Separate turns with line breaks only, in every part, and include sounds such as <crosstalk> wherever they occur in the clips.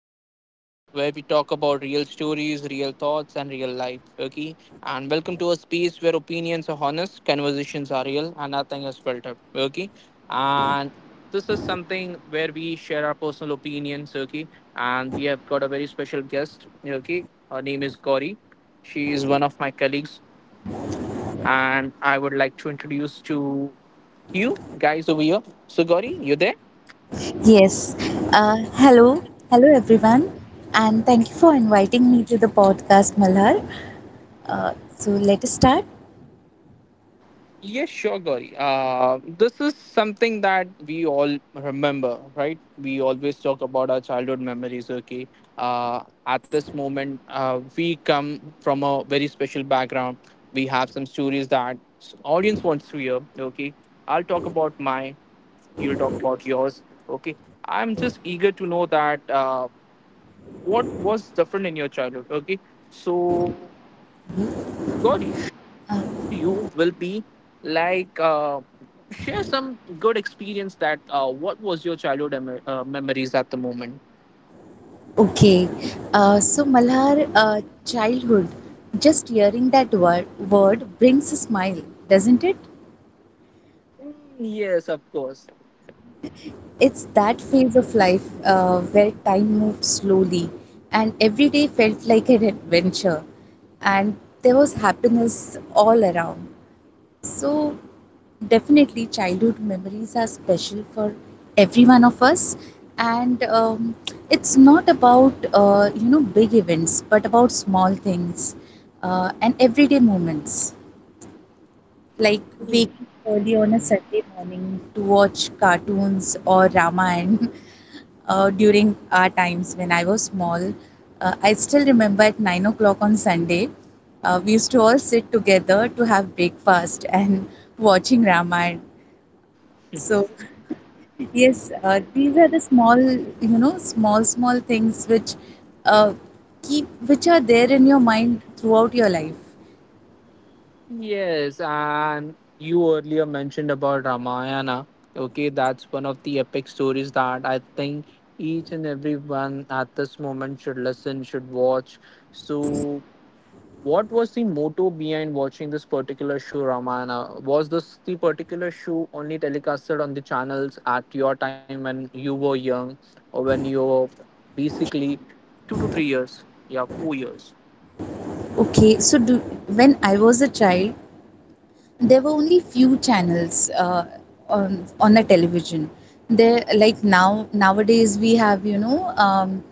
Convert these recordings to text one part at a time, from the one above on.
podcast where we talk about real stories, real thoughts, and real life. Okay, and welcome to a space where opinions are honest, conversations are real, and nothing is filtered. Okay, and this is something where we share our personal opinions. Okay, and we have got a very special guest. Okay, her name is Gauri. She is one of my colleagues, and I would like to introduce to you guys over here. So, Gauri, you there?
Yes. Hello. Hello, everyone. And thank you for inviting me to the podcast, Malhar. So, let us start.
Yes, sure, Gauri. This is something that we all remember, right? We always talk about our childhood memories, okay? At this moment, we come from a very special background. We have some stories that audience wants to hear, okay? I'll talk about mine. You'll talk about yours, okay? I'm just eager to know that what was different in your childhood, okay? So Gauri, my first question to
Uh,
you will be like, share some good experience that what was your childhood memories at the moment?
okay. So, Malhar, childhood, just hearing that word brings a smile, doesn't it?
Yes, of course.
It's that phase of life where time moved slowly, and every day felt like an adventure, and there was happiness all around. So definitely, childhood memories are special for every one of us, and it's not about you know, big events, but about small things and everyday moments, like
Mm,
waking early on a Sunday morning to watch cartoons or Ramayana <laughs> during our times when I was small. I still remember at 9 o'clock on Sunday, we used to all sit together to have breakfast and <laughs> watching Ramayana. So yes, these are the small, small, small things which uh, keep, which are there in your mind throughout your life.
yes, and you earlier mentioned about Ramayana. Okay, that's one of the epic stories that I think each and everyone at this moment should listen, should watch. So what was the motto behind watching this particular show, Ramayana? Was this the particular show only telecasted on the channels at your time when you were young, or when you were basically 2 to 3 years? Yeah, 4 years.
Okay, so do, when I was a child, there were only few channels on the television. There, like now, nowadays we have, you know,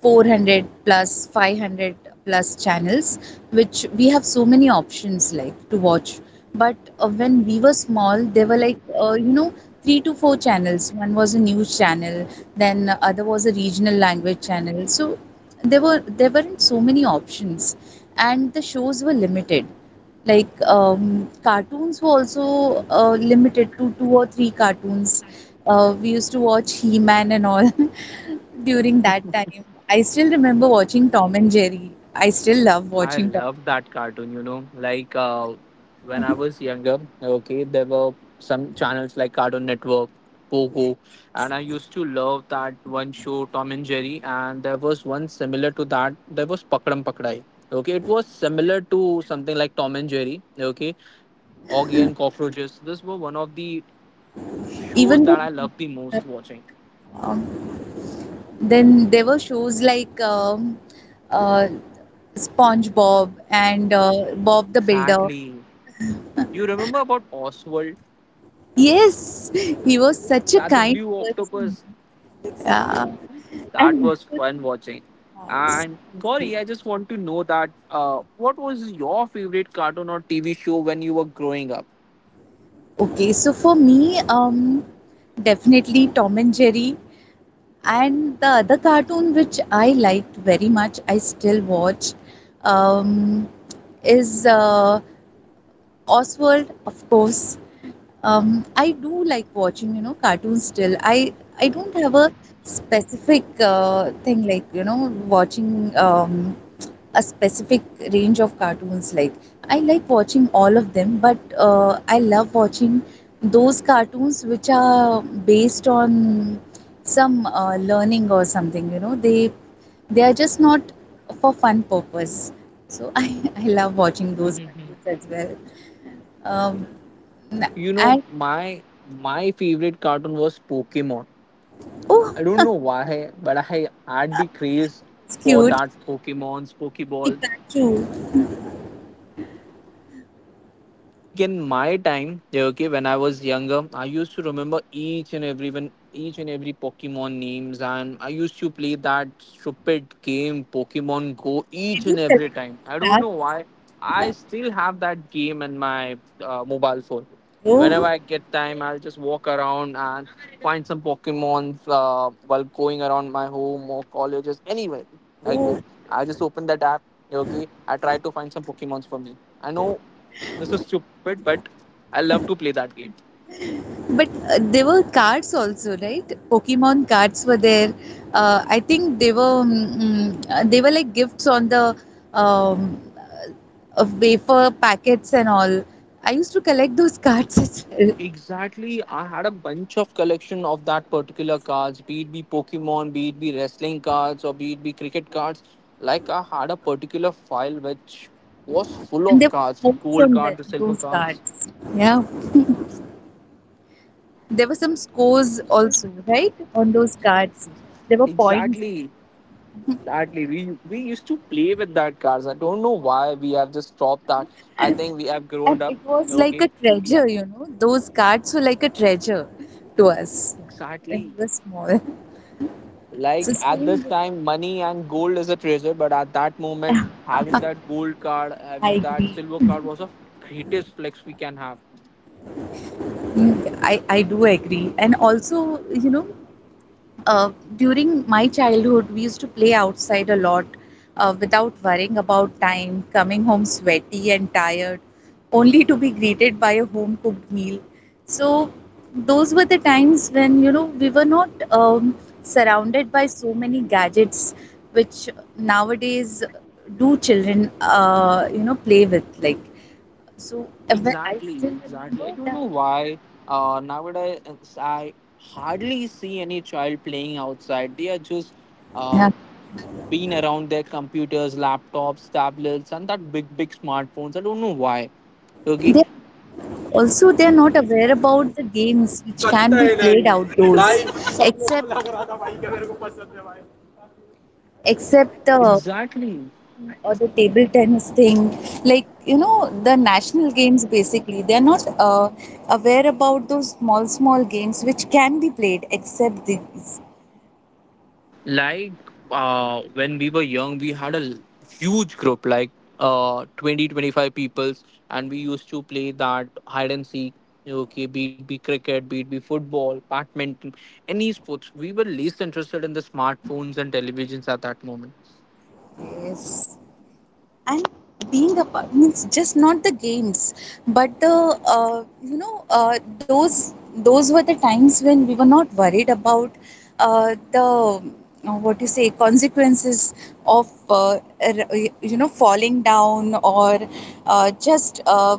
400 plus 500 plus channels, which we have so many options like to watch. But when we were small, there were like you know, three to four channels. One was a news channel, then the other was a regional language channel. So there were, there weren't so many options, and the shows were limited. Like cartoons were also limited to two or three cartoons. We used to watch He-Man and all <laughs> during that time. I still remember watching Tom and Jerry. I still love
I
watching Tom.
love that cartoon, you know. Like when I was younger, okay, there were some channels like Cartoon Network, Pogo, and I used to love that one show, Tom and Jerry. And there was one similar to that, there was Pakram Pakdai. Okay, it was similar to something like Tom and Jerry, okay, Augie and Cockroaches. This were one of the shows
Even
that
though
I loved the most watching.
um, then there were shows like uh, SpongeBob and Bob the Builder.
Exactly. You remember about Oswald,
Yes, he was such a
that the
kind
blue
person.
octopus?
Yeah,
That
and
was fun watching. And Gauri, I just want to know that what was your favorite cartoon or TV show when you were growing up?
okay, so for me, definitely Tom and Jerry. And the other cartoon which I liked very much, I still watch, um, is Oswald, of course. I do like watching, you know, cartoons still. I don't have a specific thing, like, you know, watching a specific range of cartoons. Like, I like watching all of them, but I love watching those cartoons which are based on some learning or something, you know. They are just not for fun purpose. So <laughs> I love watching those cartoons as well. um,
You know,
and
my favorite cartoon was Pokemon.
oh,
I don't know
<laughs>
why, but I had the craze
it's
for
cute.
that Pokemon's Pokeballs.
Pikachu.
Like in my time, yeah, okay, when I was younger, I used to remember each and every one, each and every Pokemon names, and I used to play that stupid game Pokemon Go
Did
each
you
and
collect
every time. I don't
that?
know why. I still have that game in my mobile phone. Whenever
Oh.
I get time, I'll just walk around and find some Pokemon while going around my home or colleges. Anywhere I go,
Oh.
I just open that app. Yeah, okay, I try to find some Pokemons for me. I know this is stupid, but I love to play that game.
But there were cards also, right? Pokemon cards were there. I think they were they were like gifts on the um, wafer packets and all. I used to collect those <laughs> cards as well,
Exactly. I had a bunch of collection of that particular cards, be it be Pokemon, be it be wrestling cards, or be it be cricket cards. Like I had a particular file which was full
and
of
there were
cards, the
scores
gold
on
card, the silver
those
cards.
cards. Yeah, there were some scores also, right? On those cards, there were points,
Exactly. Exactly. We used to play with that cards. I don't know why we have just stopped that. I think we have
and
grown
it
up.
was like a
Okay.
treasure.
Yeah.
You know, those cards were like a treasure to us when
Exactly.
we were small. <laughs> So
Like at this
same.
time, money and gold is a treasure, but at that moment, having that gold card,
I
having that
agree.
silver card was the greatest flex we can have.
Mm, I do agree. And also, you know, uh, during my childhood, we used to play outside a lot without worrying about time, coming home sweaty and tired, only to be greeted by a home cooked meal. So, those were the times when, you know, we were not surrounded by so many gadgets, which nowadays do children, you know, play with. Like, so I
Exactly,
still
exactly. I don't
remember
know why nowadays I hardly see any child playing outside. They are just uh,
that.
being around their computers, laptops, tablets, and that big, big smartphones. I don't know why. Okay,
They also, they are not aware about the games which can be played outdoors, except the
exactly.
or the table tennis thing. Like, you know, the national games basically, they are not aware about those small, small games which can be played except these.
Like when we were young we had a huge group like 20 25 peoples, and we used to play that hide and seek. Okay, be it be cricket, be it be football, badminton, any sports, we were least interested in the smartphones and televisions at that moment.
Yes, and being a part means just not the games, but the you know, those were the times when we were not worried about the what you say, consequences of, er- you know, falling down or just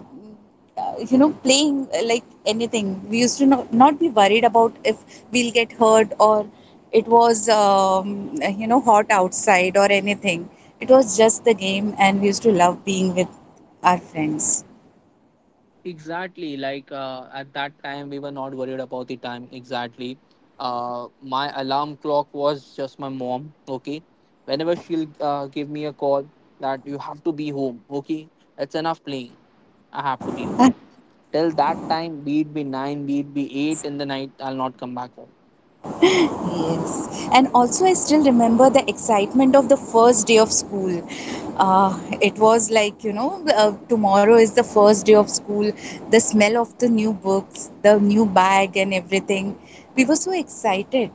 you know, playing, like anything. We used to not be worried about if we'll get hurt, or it was, you know, hot outside, or anything. It was just the game, and we used to love being with our friends.
Exactly. Like at that time, we were not worried about the time exactly. My alarm clock was just my mom. Okay, whenever she'll give me a call that you have to be home. Okay, it's enough playing. I have to be home. Till that time, be it be nine, be it be eight in the night, I'll not come back home.
Yes, and also I still remember the excitement of the first day of school. It was like, you know, tomorrow is the first day of school, the smell of the new books, the new bag, and everything. We were so excited.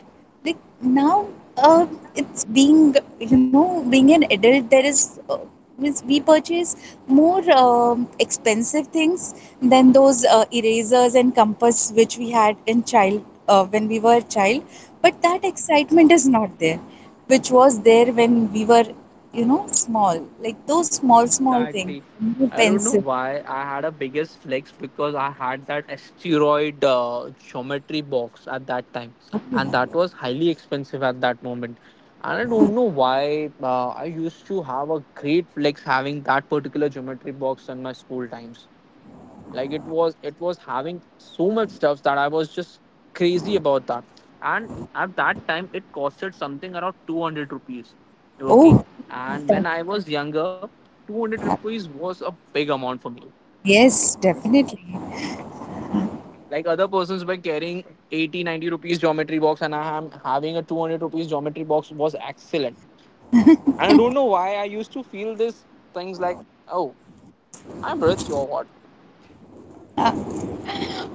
Like now, uh, it's being, you know, being an adult, there is. Means we purchase more expensive things than those erasers and compass which we had in child when we were a child, but that excitement is not there which was there when we were, you know, small, like those small, small things.
Exactly.
New
I don't know
pencil.
why I had a biggest flex because I had that asteroid geometry box at that time, and that was highly expensive at that moment. And I don't know why I used to have a great flex having that particular geometry box in my school times, like it was having so much stuff that I was just crazy about that. And at that time it costed something around 200 rupees. Okay,
Oh,
and
that,
when I was younger, 200 rupees was a big amount for me.
yes, definitely.
Like other persons were carrying 80, 90 rupees geometry box and I am having a 200 rupees geometry box was excellent. And I don't know why I used to feel this things like, oh, I'm rich or what,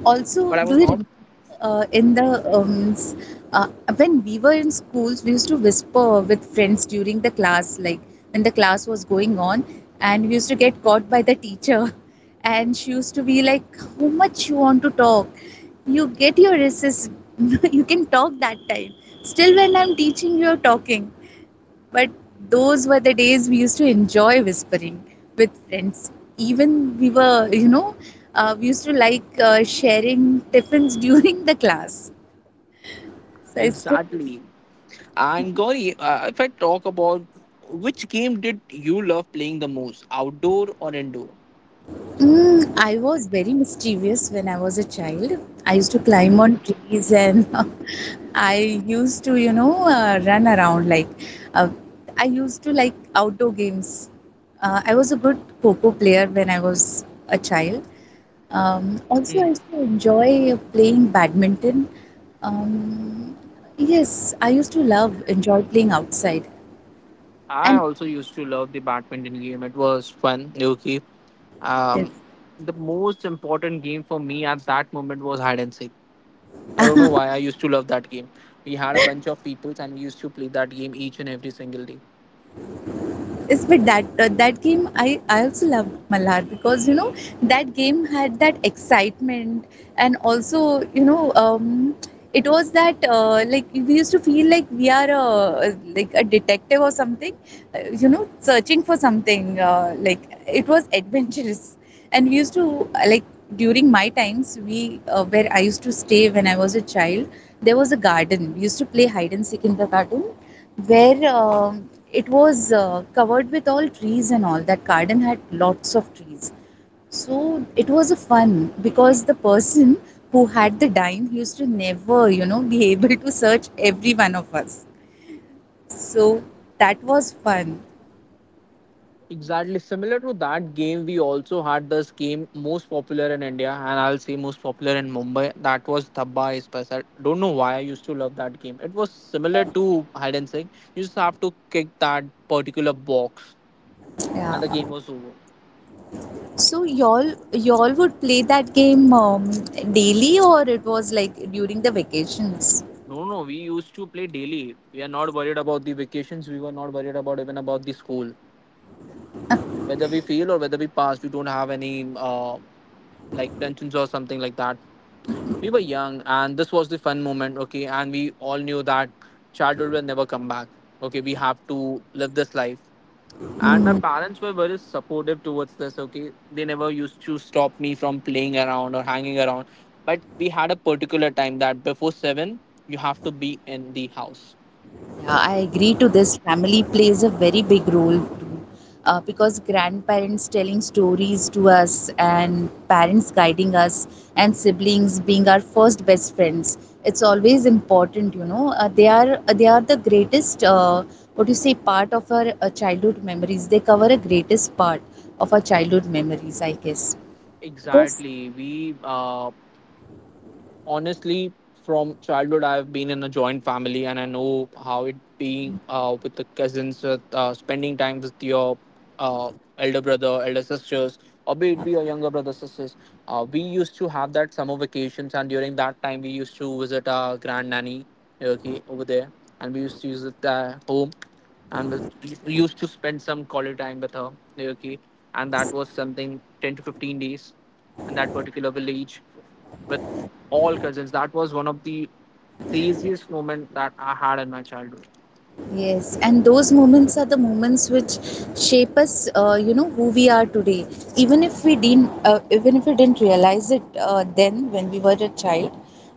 Also,
but I
do you
was
remember
not
in the um, s- uh, when we were in schools, we used to whisper with friends during the class, like when the class was going on, and we used to get caught by the teacher, <laughs> and she used to be like, "How much you want to talk? You get your recess. <laughs> You can talk that time. Still, when I'm teaching, you're talking." But those were the days we used to enjoy whispering with friends. Even we were, you know, we used to like sharing tiffins <laughs> during the class. So I still.
exactly. And Gauri, if I talk about which game did you love playing the most, outdoor or indoor?
Mm, I was very mischievous when I was a child. I used to climb on trees and <laughs> I used to, you know, run around. Like, uh, I used to like outdoor games. I was a good Coco player when I was a child. Also, I
Mm.
used to enjoy playing badminton. Um, yes, I used to love enjoy playing outside,
I
and
also used to love the badminton game. It was fun, okay.
yes.
Um, the most important game for me at that moment was hide and seek. I don't know why I used to love that game. We had a bunch of people and we used to play that game each and every single day.
Yes, but that that game, I also love, Malhar, because you know, that game had that excitement, and also you know, it was that, like, we used to feel like we are a, like a detective or something, you know, searching for something, like it was adventurous. And we used to, like, during my times, we where I used to stay when I was a child, there was a garden. We used to play hide and seek in the garden, where um, it was covered with all trees, and all. That garden had lots of trees, so it was a fun because the person who had the dime, he used to never, you know, be <laughs> able to search every one of us. So that was fun.
Exactly similar to that game, we also had this game most popular in India, and I'll say most popular in Mumbai. That was Thabba Is Paisa. Don't know why I used to love that game. It was similar to hide and seek. You just have to kick that particular box, and the game
Yeah,
was over.
so y'all would play that game, daily, or it was like during the vacations?
No, no, we used to play daily. We are not worried about the vacations. We were not worried about even about the school, whether we fail or whether we pass. We don't have any like tensions or something like that. We were young and this was the fun moment. Okay, and we all knew that childhood will never come back. Okay, we have to live this life. And my
Hmm.
parents were very supportive towards this. Okay, they never used to stop me from playing around or hanging around, but we had a particular time that before 7 you have to be in the house.
Yeah, I agree to this. Family plays a very big role too, because grandparents telling stories to us, and parents guiding us, and siblings being our first best friends. It's always important, you know. They are the greatest. What you say, part of our childhood memories. They cover a greatest part of our childhood memories, I guess. Because
Exactly, we honestly, from childhood I have been in a joint family and I know how it being with the cousins, with, spending time with your uh, elder brother, elder sisters, or be it be your younger brother, sisters. We used to have that summer vacations, and during that time we used to visit our grand nanny. Okay, over there, and we used to visit their home, and we used to spend some quality time with her. Okay, and that was something 10 to 15 days in that particular village with all cousins. That was one of the craziest moment that I had in my childhood.
yes, and those moments are the moments which shape us, you know, who we are today. Even if we didn't, even if we didn't realize it then when we were a child,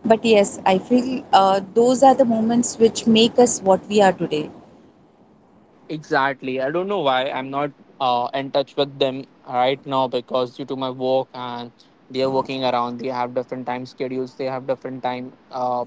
but yes, I feel those are the moments which make us what we are today.
Exactly. I don't know why I'm not in touch with them right now because due to my work and they're working around, they have different time schedules, they have different time.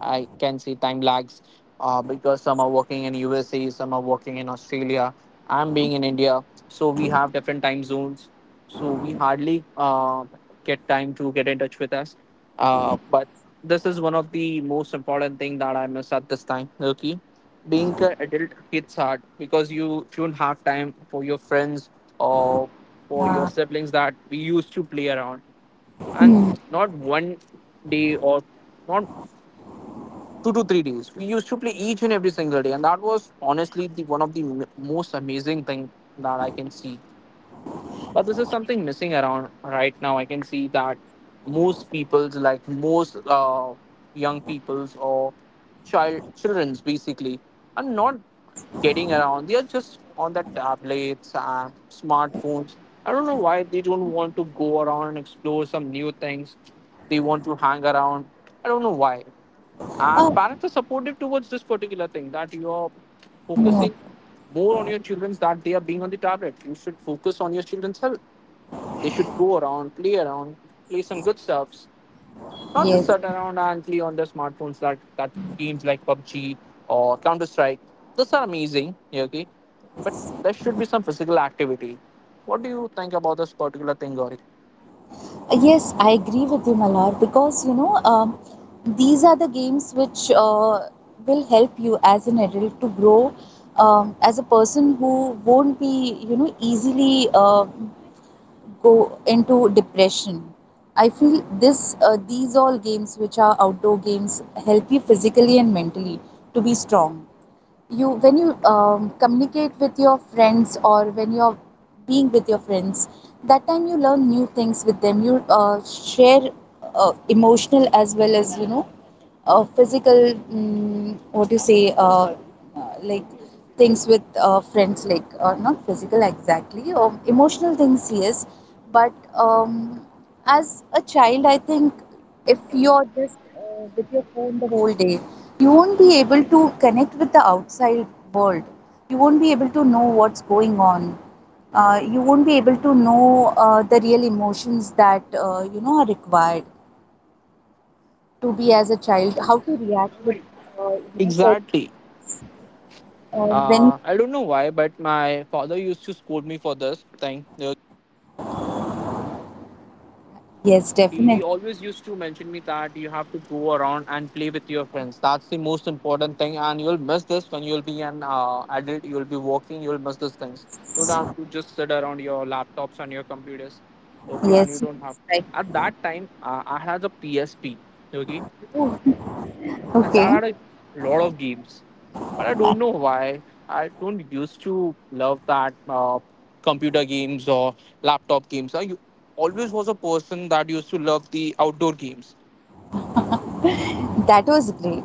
I can see time lags because some are working in USA, some are working in Australia. I'm being in India, so we have different time zones. So we hardly get time to get in touch with us. But this is one of the most important thing that I miss at this time. Okay, being an adult hits hard because you don't have time for your friends or for your
Ah.
siblings that we used to play around, and
Hmm.
not one day or not 2 to 3 days. We used to play each and every single day, and that was honestly the one of the most amazing thing that I can see. But this is something missing around right now. I can see that most people's, like most young people's or childrens basically, are not getting around. They are just on their tablets and smartphones. I don't know why they don't want to go around and explore some new things. They want to hang around. I don't know why. And
Oh,
parents are supportive towards this particular thing that you are
no.
focusing more on your children's that they are being on the tablet. You should focus on your children's health. They should go around, play some good stuffs, not just
Yes.
sit around and play on their smartphones. That games like PUBG or Counter Strike. Those are amazing. Yeah, okay, but there should be some physical activity. What do you think about this particular thing, Gauri?
Yes, I agree with you, Malar, because you know, these are the games which will help you as an adult to grow as a person who won't be, you know, easily go into depression. I feel this, these all games which are outdoor games help you physically and mentally to be strong. You, when you communicate with your friends, or when you're being with your friends, that time you learn new things with them. You share emotional as well as, you know, physical, mm, what you say, like things with friends, like not physical exactly, emotional things, yes. But as a child, I think if you're just with your phone the whole day, you won't be able to connect with the outside world. You won't be able to know what's going on. You won't be able to know the real emotions that, you know, are required to be as a child. How to react with you know, certain
Exactly.
uh, when
I don't know why, but my father used to scold me for this thing.
yes,
He
definitely,
always used to mention me that you have to go around and play with your friends. That's the most important thing, and you'll miss this when you'll be an adult. You'll be working. You'll miss these things. You don't
yes,
have to just sit around your laptops and your computers, okay? And you
yes,
don't have.
right.
At that time, I had a PSP, okay?
Oh,
And that
okay,
are a lot of games. But I don't know why. I don't used to love that computer games or laptop games. Always was a person that used to love the outdoor games.
that was great.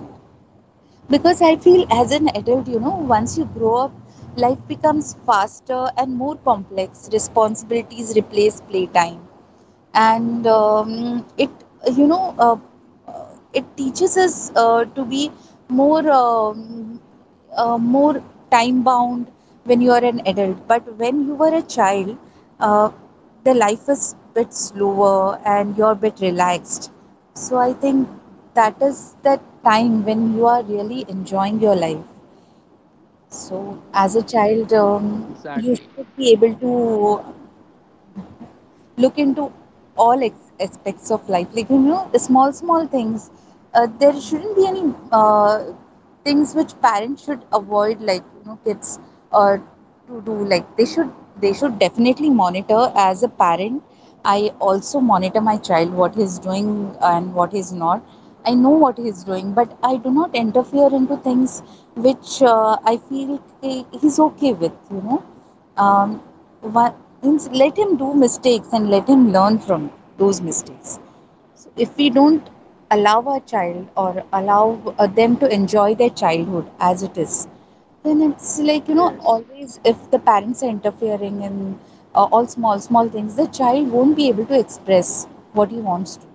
Because I feel as an adult, you know, once you grow up life becomes faster and more complex, responsibilities replace playtime. And it you know uh, it teaches us to be more more time bound when you are an adult, but when you were a child, uh, the life is bit slower and you're a bit relaxed. So I think that is that time when you are really enjoying your life. So as a child, you
Exactly.
should be able to look into all aspects of life, like you know, small small things. There shouldn't be any things which parents should avoid, like you know, kids uh, to do, like they should, they should definitely monitor as a parent. I also monitor my child, what he's doing and what he's not. I know what he's doing, but I do not interfere into things which I feel he's okay with, you know. um, One, let him do mistakes and let him learn from those mistakes. So if we don't allow our child, or allow them to enjoy their childhood as it is, then it's like, you know,
Yes.
always if the parents are interfering in all small small things, the child won't be able to express what he wants to.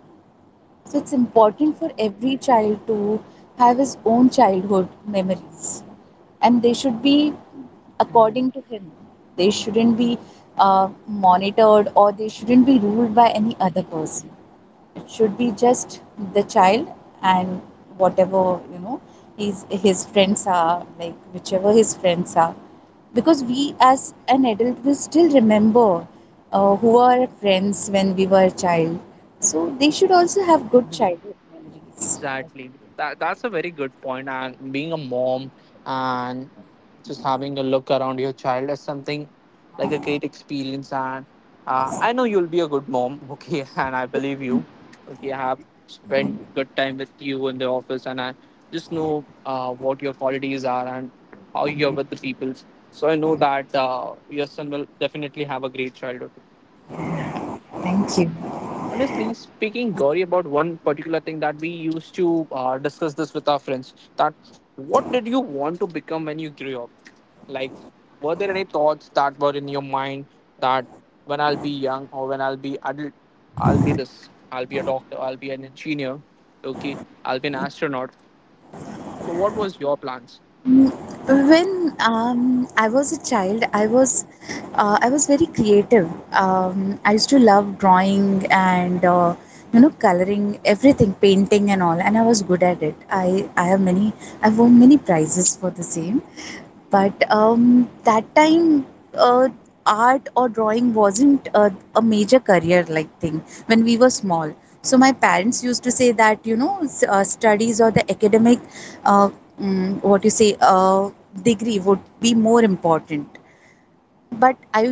So it's important for every child to have his own childhood memories, and they should be
Mhm.
according to him. They shouldn't be monitored, or they shouldn't be ruled by any other person. It should be just the child and whatever, you know, his friends are, like whichever his friends are, because we as an adult will still remember who are our friends when we were a child. So they should also have good
<laughs>
childhood memories.
Exactly. That's a very good point. And being a mom and just having a look around your child is something like a great experience. And I know you'll be a good mom. <laughs> Okay, and I believe you. Okay, I have spent good time with you in the office, and I just know what your qualities are and how you're with the people. So I know that your son will definitely have a great childhood.
Thank you.
Honestly speaking, Gauri, about one particular thing that we used to discuss this with our friends that what did you want to become when you grew up? Like, were there any thoughts that were in your mind that when I'll be young or when I'll be adult, I'll be this, I'll be a doctor, I'll be an engineer, okay, I'll be an astronaut. So, what was your plans?
Mm, when I was a child, I was very creative. I used to love drawing and you know, coloring everything, painting and all, and I was good at it. I have many, I've won many prizes for the same. But that time uh, art or drawing wasn't a major career like thing when we were small. So my parents used to say that, you know, studies or the academic uh, what you say, degree would be more important. But i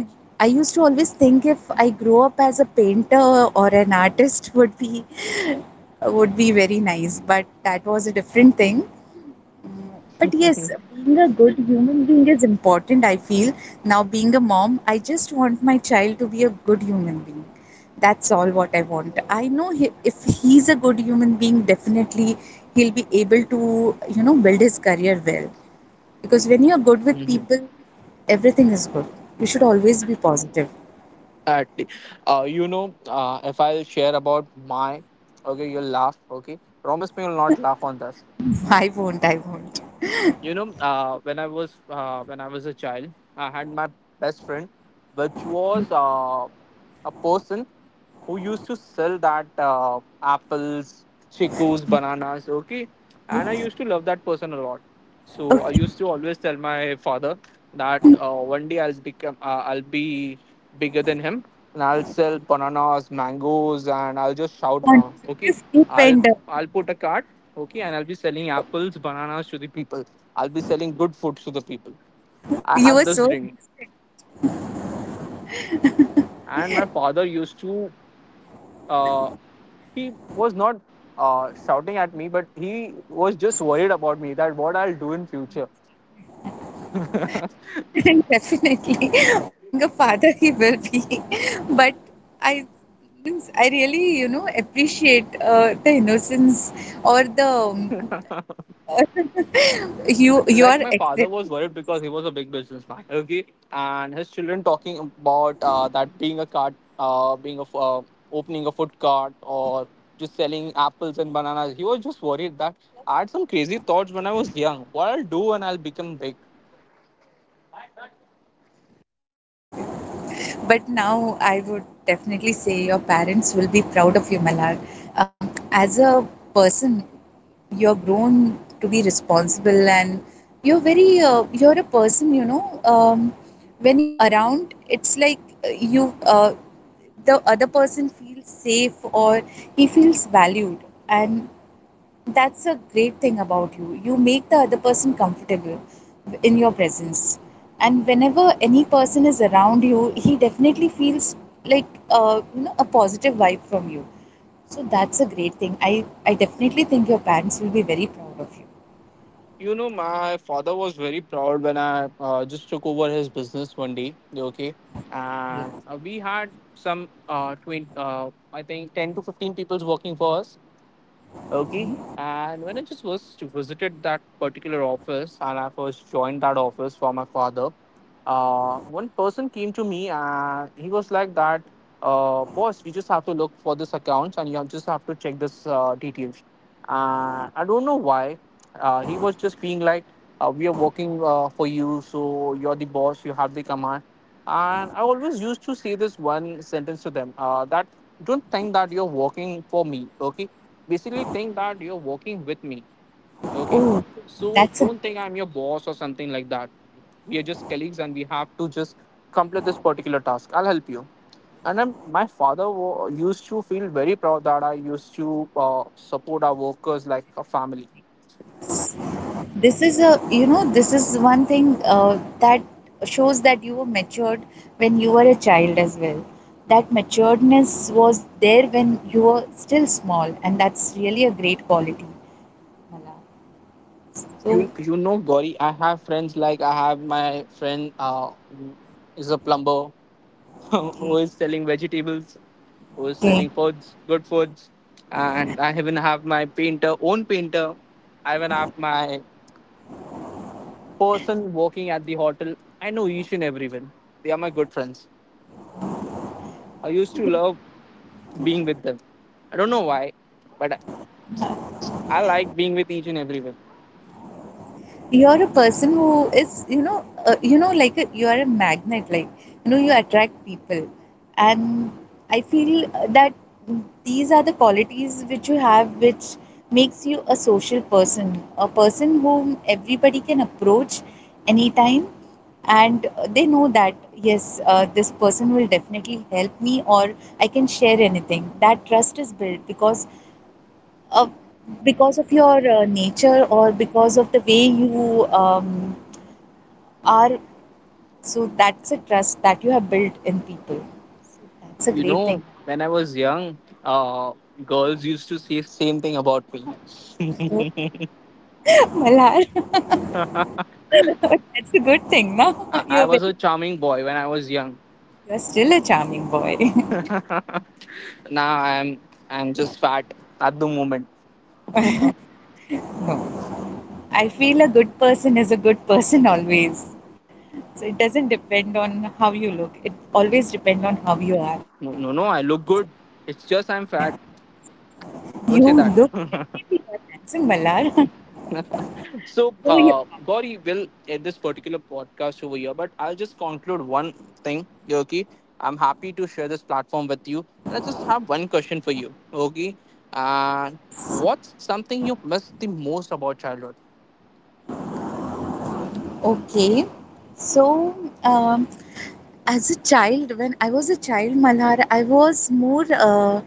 i used to always think if I grow up as a painter or an artist <laughs> would be, would be very nice, but that was a different thing. But yes, being a good human being is important, I feel. Now, being a mom, I just want my child to be a good human being. That's all what I want. I know he, if he's a good human being, definitely he'll be able to, you know, build his career well. Because when you're good with
hmm
people, everything is good. You should always be positive.
At, if I'll share about my, okay, you'll laugh, okay. Promise me you'll not laugh on this.
<laughs> I won't, I won't.
When I was a child, I had my best friend, which was a person who used to sell that apples, chicos, bananas, okay, and I
Okay.
used
<laughs>
to love that person a lot. So I
Okay.
used to always tell my father that one day I'll become I'll be bigger than him, and I'll sell bananas, mangoes, and I'll just shout around, okay.
This
i'll
vendor.
i'll put a cart, okay, and I'll be selling apples, bananas to the people. I'll be selling good foods to the people. I
You
had
were
this
so.
ring, and my father used to. Uh, he was not shouting at me, but he was just worried about me that what I'll do in future.
<laughs> Definitely, <laughs> being a father, he will be. <laughs> But I, I really, you know, appreciate the innocence or the you, you
Like
are
my father
accepting.
was worried because he was a big businessman. Okay, and his children talking about that being a cart, opening a food cart or just selling apples and bananas. He was just worried that I had some crazy thoughts when I was young. What I'll do when I'll become big.
<laughs> Okay, but now I would definitely say your parents will be proud of you, Malar. As a person, you're grown to be responsible, and you're very you're a person, you know, when you're around, it's like you the other person feels safe, or he feels valued, and that's a great thing about you. You make the other person comfortable in your presence. And whenever any person is around you, he definitely feels like you know, a positive vibe from you. So that's a great thing. I definitely think your parents will be very proud of you.
You know, my father was very proud when I just took over his business one day. Okay, and
Yeah.
we had some 20, I think 10 to 15 people's working for us. Okay.
Okay.
And when I just was visited that particular office and I first joined that office for my father, one person came to me and he was like that, boss, you just have to look for this accounts, and you just have to check this details. And I don't know why. He was just being like, we are working for you, so you're the boss, you have the command. And I always used to say this one sentence to them that don't think that you're working for me, okay? Basically think that you're working with me, okay.
Oh,
So
that's a
don't think I'm your boss or something like that. We are just colleagues and we have to just complete this particular task. I'll help you. My father used to feel very proud that I used to support our workers like a family.
this is a, you know, this is one thing that shows that you were matured when you were a child as well. That maturedness was there when you were still small, and that's really a great quality, Mala. So
You know, Gauri, I have friends. Like I have my friend is a plumber, <laughs> who
okay,
is selling vegetables, who is
okay.
selling foods, good foods. And I even have my painter, own painter. I even have my person working at the hotel. I know each and everyone. They are my good friends. I used to
So
love being with them. I don't know why, but I like being with each and everyone.
you're a person who is, you know, you know, like a, you are a magnet, like you know, you attract people. And I feel that these are the qualities which you have, which makes you a social person, a person whom everybody can approach anytime. And they know that yes, this person will definitely help me, or I can share anything. That trust is built because of, because of your nature, or because of the way you are. So that's a trust that you have built in people. So that's a
You
great thing.
know, when I was young, uh, girls used to say same thing about me.
So, <laughs> Malhar. <laughs> That's a good thing, no?
I,
<laughs>
I
You're
was
very,
a charming boy when I was young.
you're still a charming boy. <laughs>
Now I'm just fat at the moment.
No, I feel a good person is a good person always. So it doesn't depend on how you look, it always depends on how you are.
No, no, no, I look good. It's just I'm
Yeah.
fat.
You
Don't say that.
look,
<laughs>
definitely are handsome, Malhar.
So,
<laughs> So you.
Gauri will end this particular podcast over here, but I'll just conclude one thing, Yogi. I'm happy to share this platform with you. And I just have one question for you, Yogi. Uh, what's something you miss the most about childhood?
Okay, so um, as a child, when I was a child, Malhar, I was more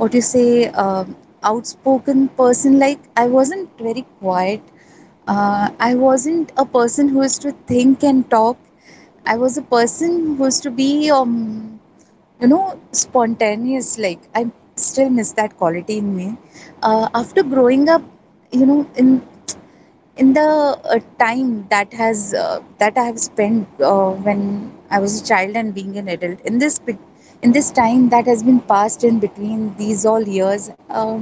what you say, outspoken person, like I wasn't very quiet. I wasn't a person who used to think and talk. I was a person who used to be you know, spontaneous. Like I still miss that quality in me after growing up, you know, in, in the time that has that I have spent when I was a child, and being an adult, in this in this time that has been passed in between these all years. um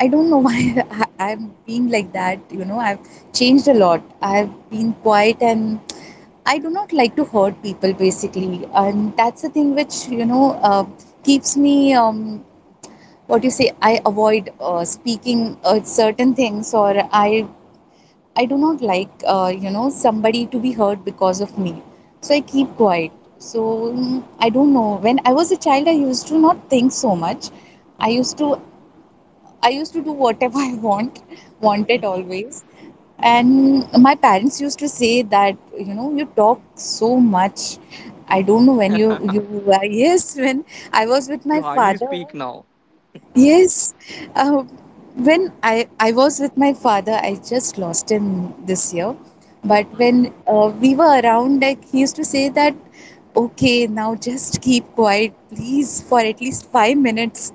I don't know <laughs> why I- I'm being like that. You know, I've changed a lot. I've been quiet, and I do not like to hurt people basically. And that's the thing which, you know, keeps me, what you say, I avoid speaking certain things, or I do not like, you know, somebody to be hurt because of me. So I keep quiet. So I don't know. When I was a child, I used to not think so much. I used to I used to do whatever <laughs> I want, wanted always. And my parents used to say that, you know, you talk so much. I don't know when you were. <laughs> Yes, when I was with
You
my
hardly
father.
speak now.
Yes. Uh, when I was with my father, I just lost him this year. But when we were around, like he used to say that, okay, now just keep quiet, please, for at least 5 minutes.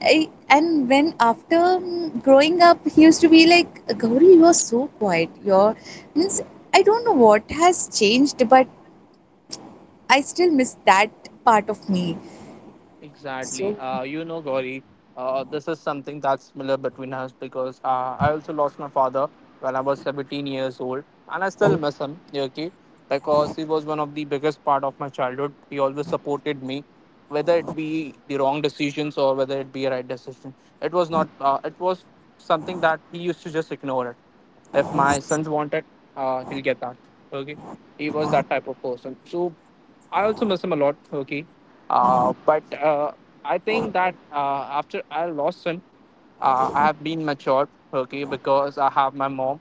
I, and when after growing up, he used to be like, Gauri, you are so quiet. You're, means, I don't know what has changed, but I still miss that part of me.
Exactly.
So,
You know, Gauri, this is something that's similar between us because I also lost my father when I was 17 years old, and I still miss him. Okay, because he was one of the biggest part of my childhood. He always supported me, whether it be the wrong decisions or whether it be a right decision. It was not. It was something that he used to just ignore it. If my sons wanted, he'll get that. Okay, he was that type of person. So I also miss him a lot, Turkey. But I think that after I lost him, I have been matured, okay. Because I have my mom,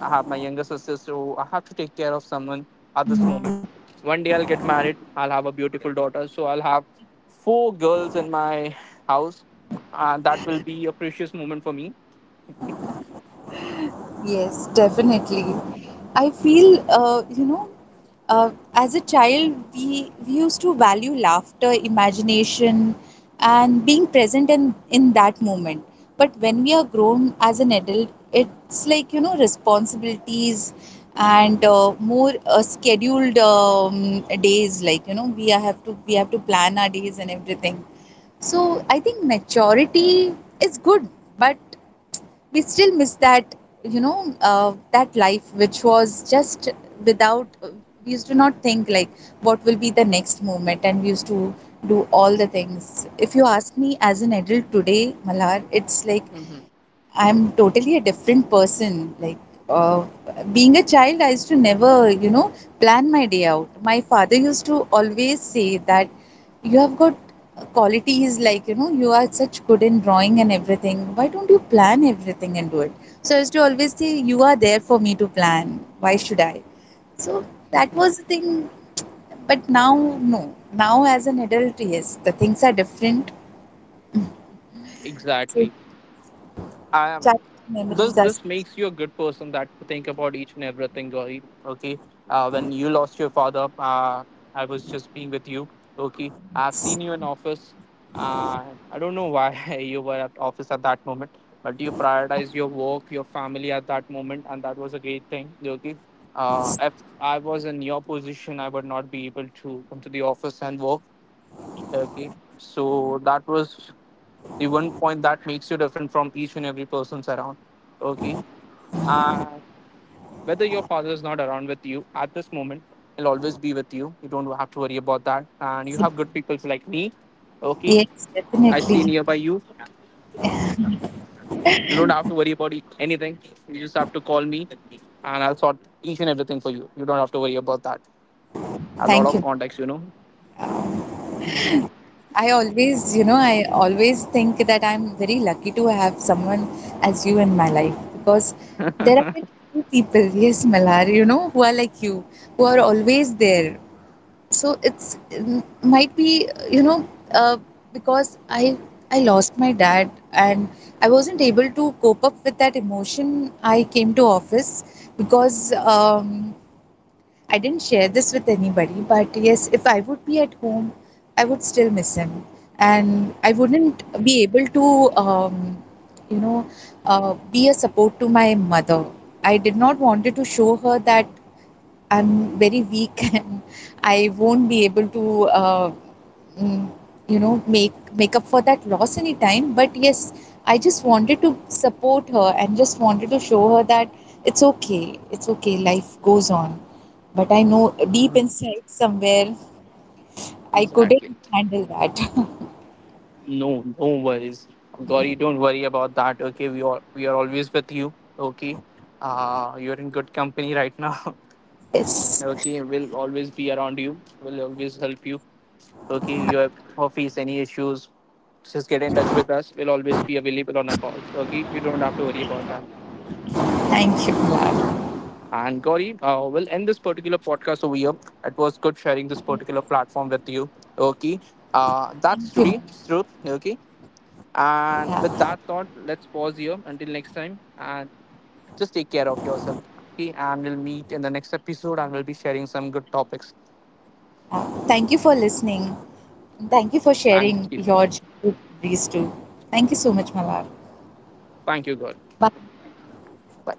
I have my younger sister, so I have to take care of someone at this moment. One day I'll get married, I'll have a beautiful daughter, so I'll have four girls in my house. And that will be a precious moment for me.
yes, definitely. I feel, you know, as a child, we used to value laughter, imagination, and being present in that moment. But when we are grown as an adult, it's like, you know, responsibilities and more scheduled days. Like, you know, we have to plan our days and everything. So I think maturity is good, but we still miss that, you know, that life which was just without we used to not think like what will be the next moment, and we used to do all the things. If you ask me as an adult today, Malhar, it's like
hmm
I'm totally a different person. Like uh, being a child, I used to never, you know, plan my day out. My father used to always say that you have got qualities, like you know, you are such good in drawing and everything. Why don't you plan everything and do it? So I used to always say, you are there for me to plan. Why should I? So that was the thing. But now, no. Now as an adult, yes, the things are different. So
Exactly. I
child
this
memories are.
this makes you a good person that think about each and everything, Gauri. Okay. When you lost your father, I was just being with you. Okay, I've seen you in office. I don't know why <laughs> you were at office at that moment, but you prioritize your work, your family at that moment, and that was a great thing. Okay. If I was in your position, I would not be able to come to the office and work, okay. So that was the one point that makes you different from each and every person's around, okay. And whether your father is not around with you at this moment, he'll always be with you. You don't have to worry about that, and you have good people like me, okay.
Yes,
I stay
definitely.
nearby you. You don't have to worry about anything. You just have to call me and I'll sort each and everything for you. You don't have to worry about that. I have a lot
Thank
of
you.
contacts, you know. <laughs>
I always, you know, I always think that I'm very lucky to have someone as you in my life, because there are very few people, <laughs> yes, Malhar, you know, who are like you, who are always there. So it's, it might be, you know, uh, because I lost my dad, and I wasn't able to cope up with that emotion. I came to office because I didn't share this with anybody, but yes, if I would be at home, I would still miss him. And I wouldn't be able to, you know, be a support to my mother. I did not wanted to show her that I'm very weak, <laughs> and I won't be able to mm, you know, make up for that loss anytime. But yes, I just wanted to support her, and just wanted to show her that it's okay, it's okay, life goes on. But I know deep
Mhm.
inside somewhere I couldn't
Exactly.
handle that.
No, no worries. Gauri, don't worry about that. Okay, we are always with you. Okay, you're in good company right now.
<laughs>
<laughs>
Yes,
Okay, we'll always be around you. We'll always help you. Okay, you have or face any issues, just get in touch with us. We'll always be available on a call. Okay, you don't have to worry about that.
thank you, Mona.
And Gauri, we'll end this particular podcast over here. It was good sharing this
Yes,
particular platform with you. Okay,
thank you,
that's
Mona.
today's truth. Okay.
Yeah.
And with
Yeah,
that thought, let's pause here until next time and just take care of yourself. Okay, and we'll meet in the next episode and we'll be sharing some good topics.
thank you for listening. Thank you for
Thank you.
sharing your childhood stories too. Thank you so much, Malar.
Thank you, God.
Bye.
Bye.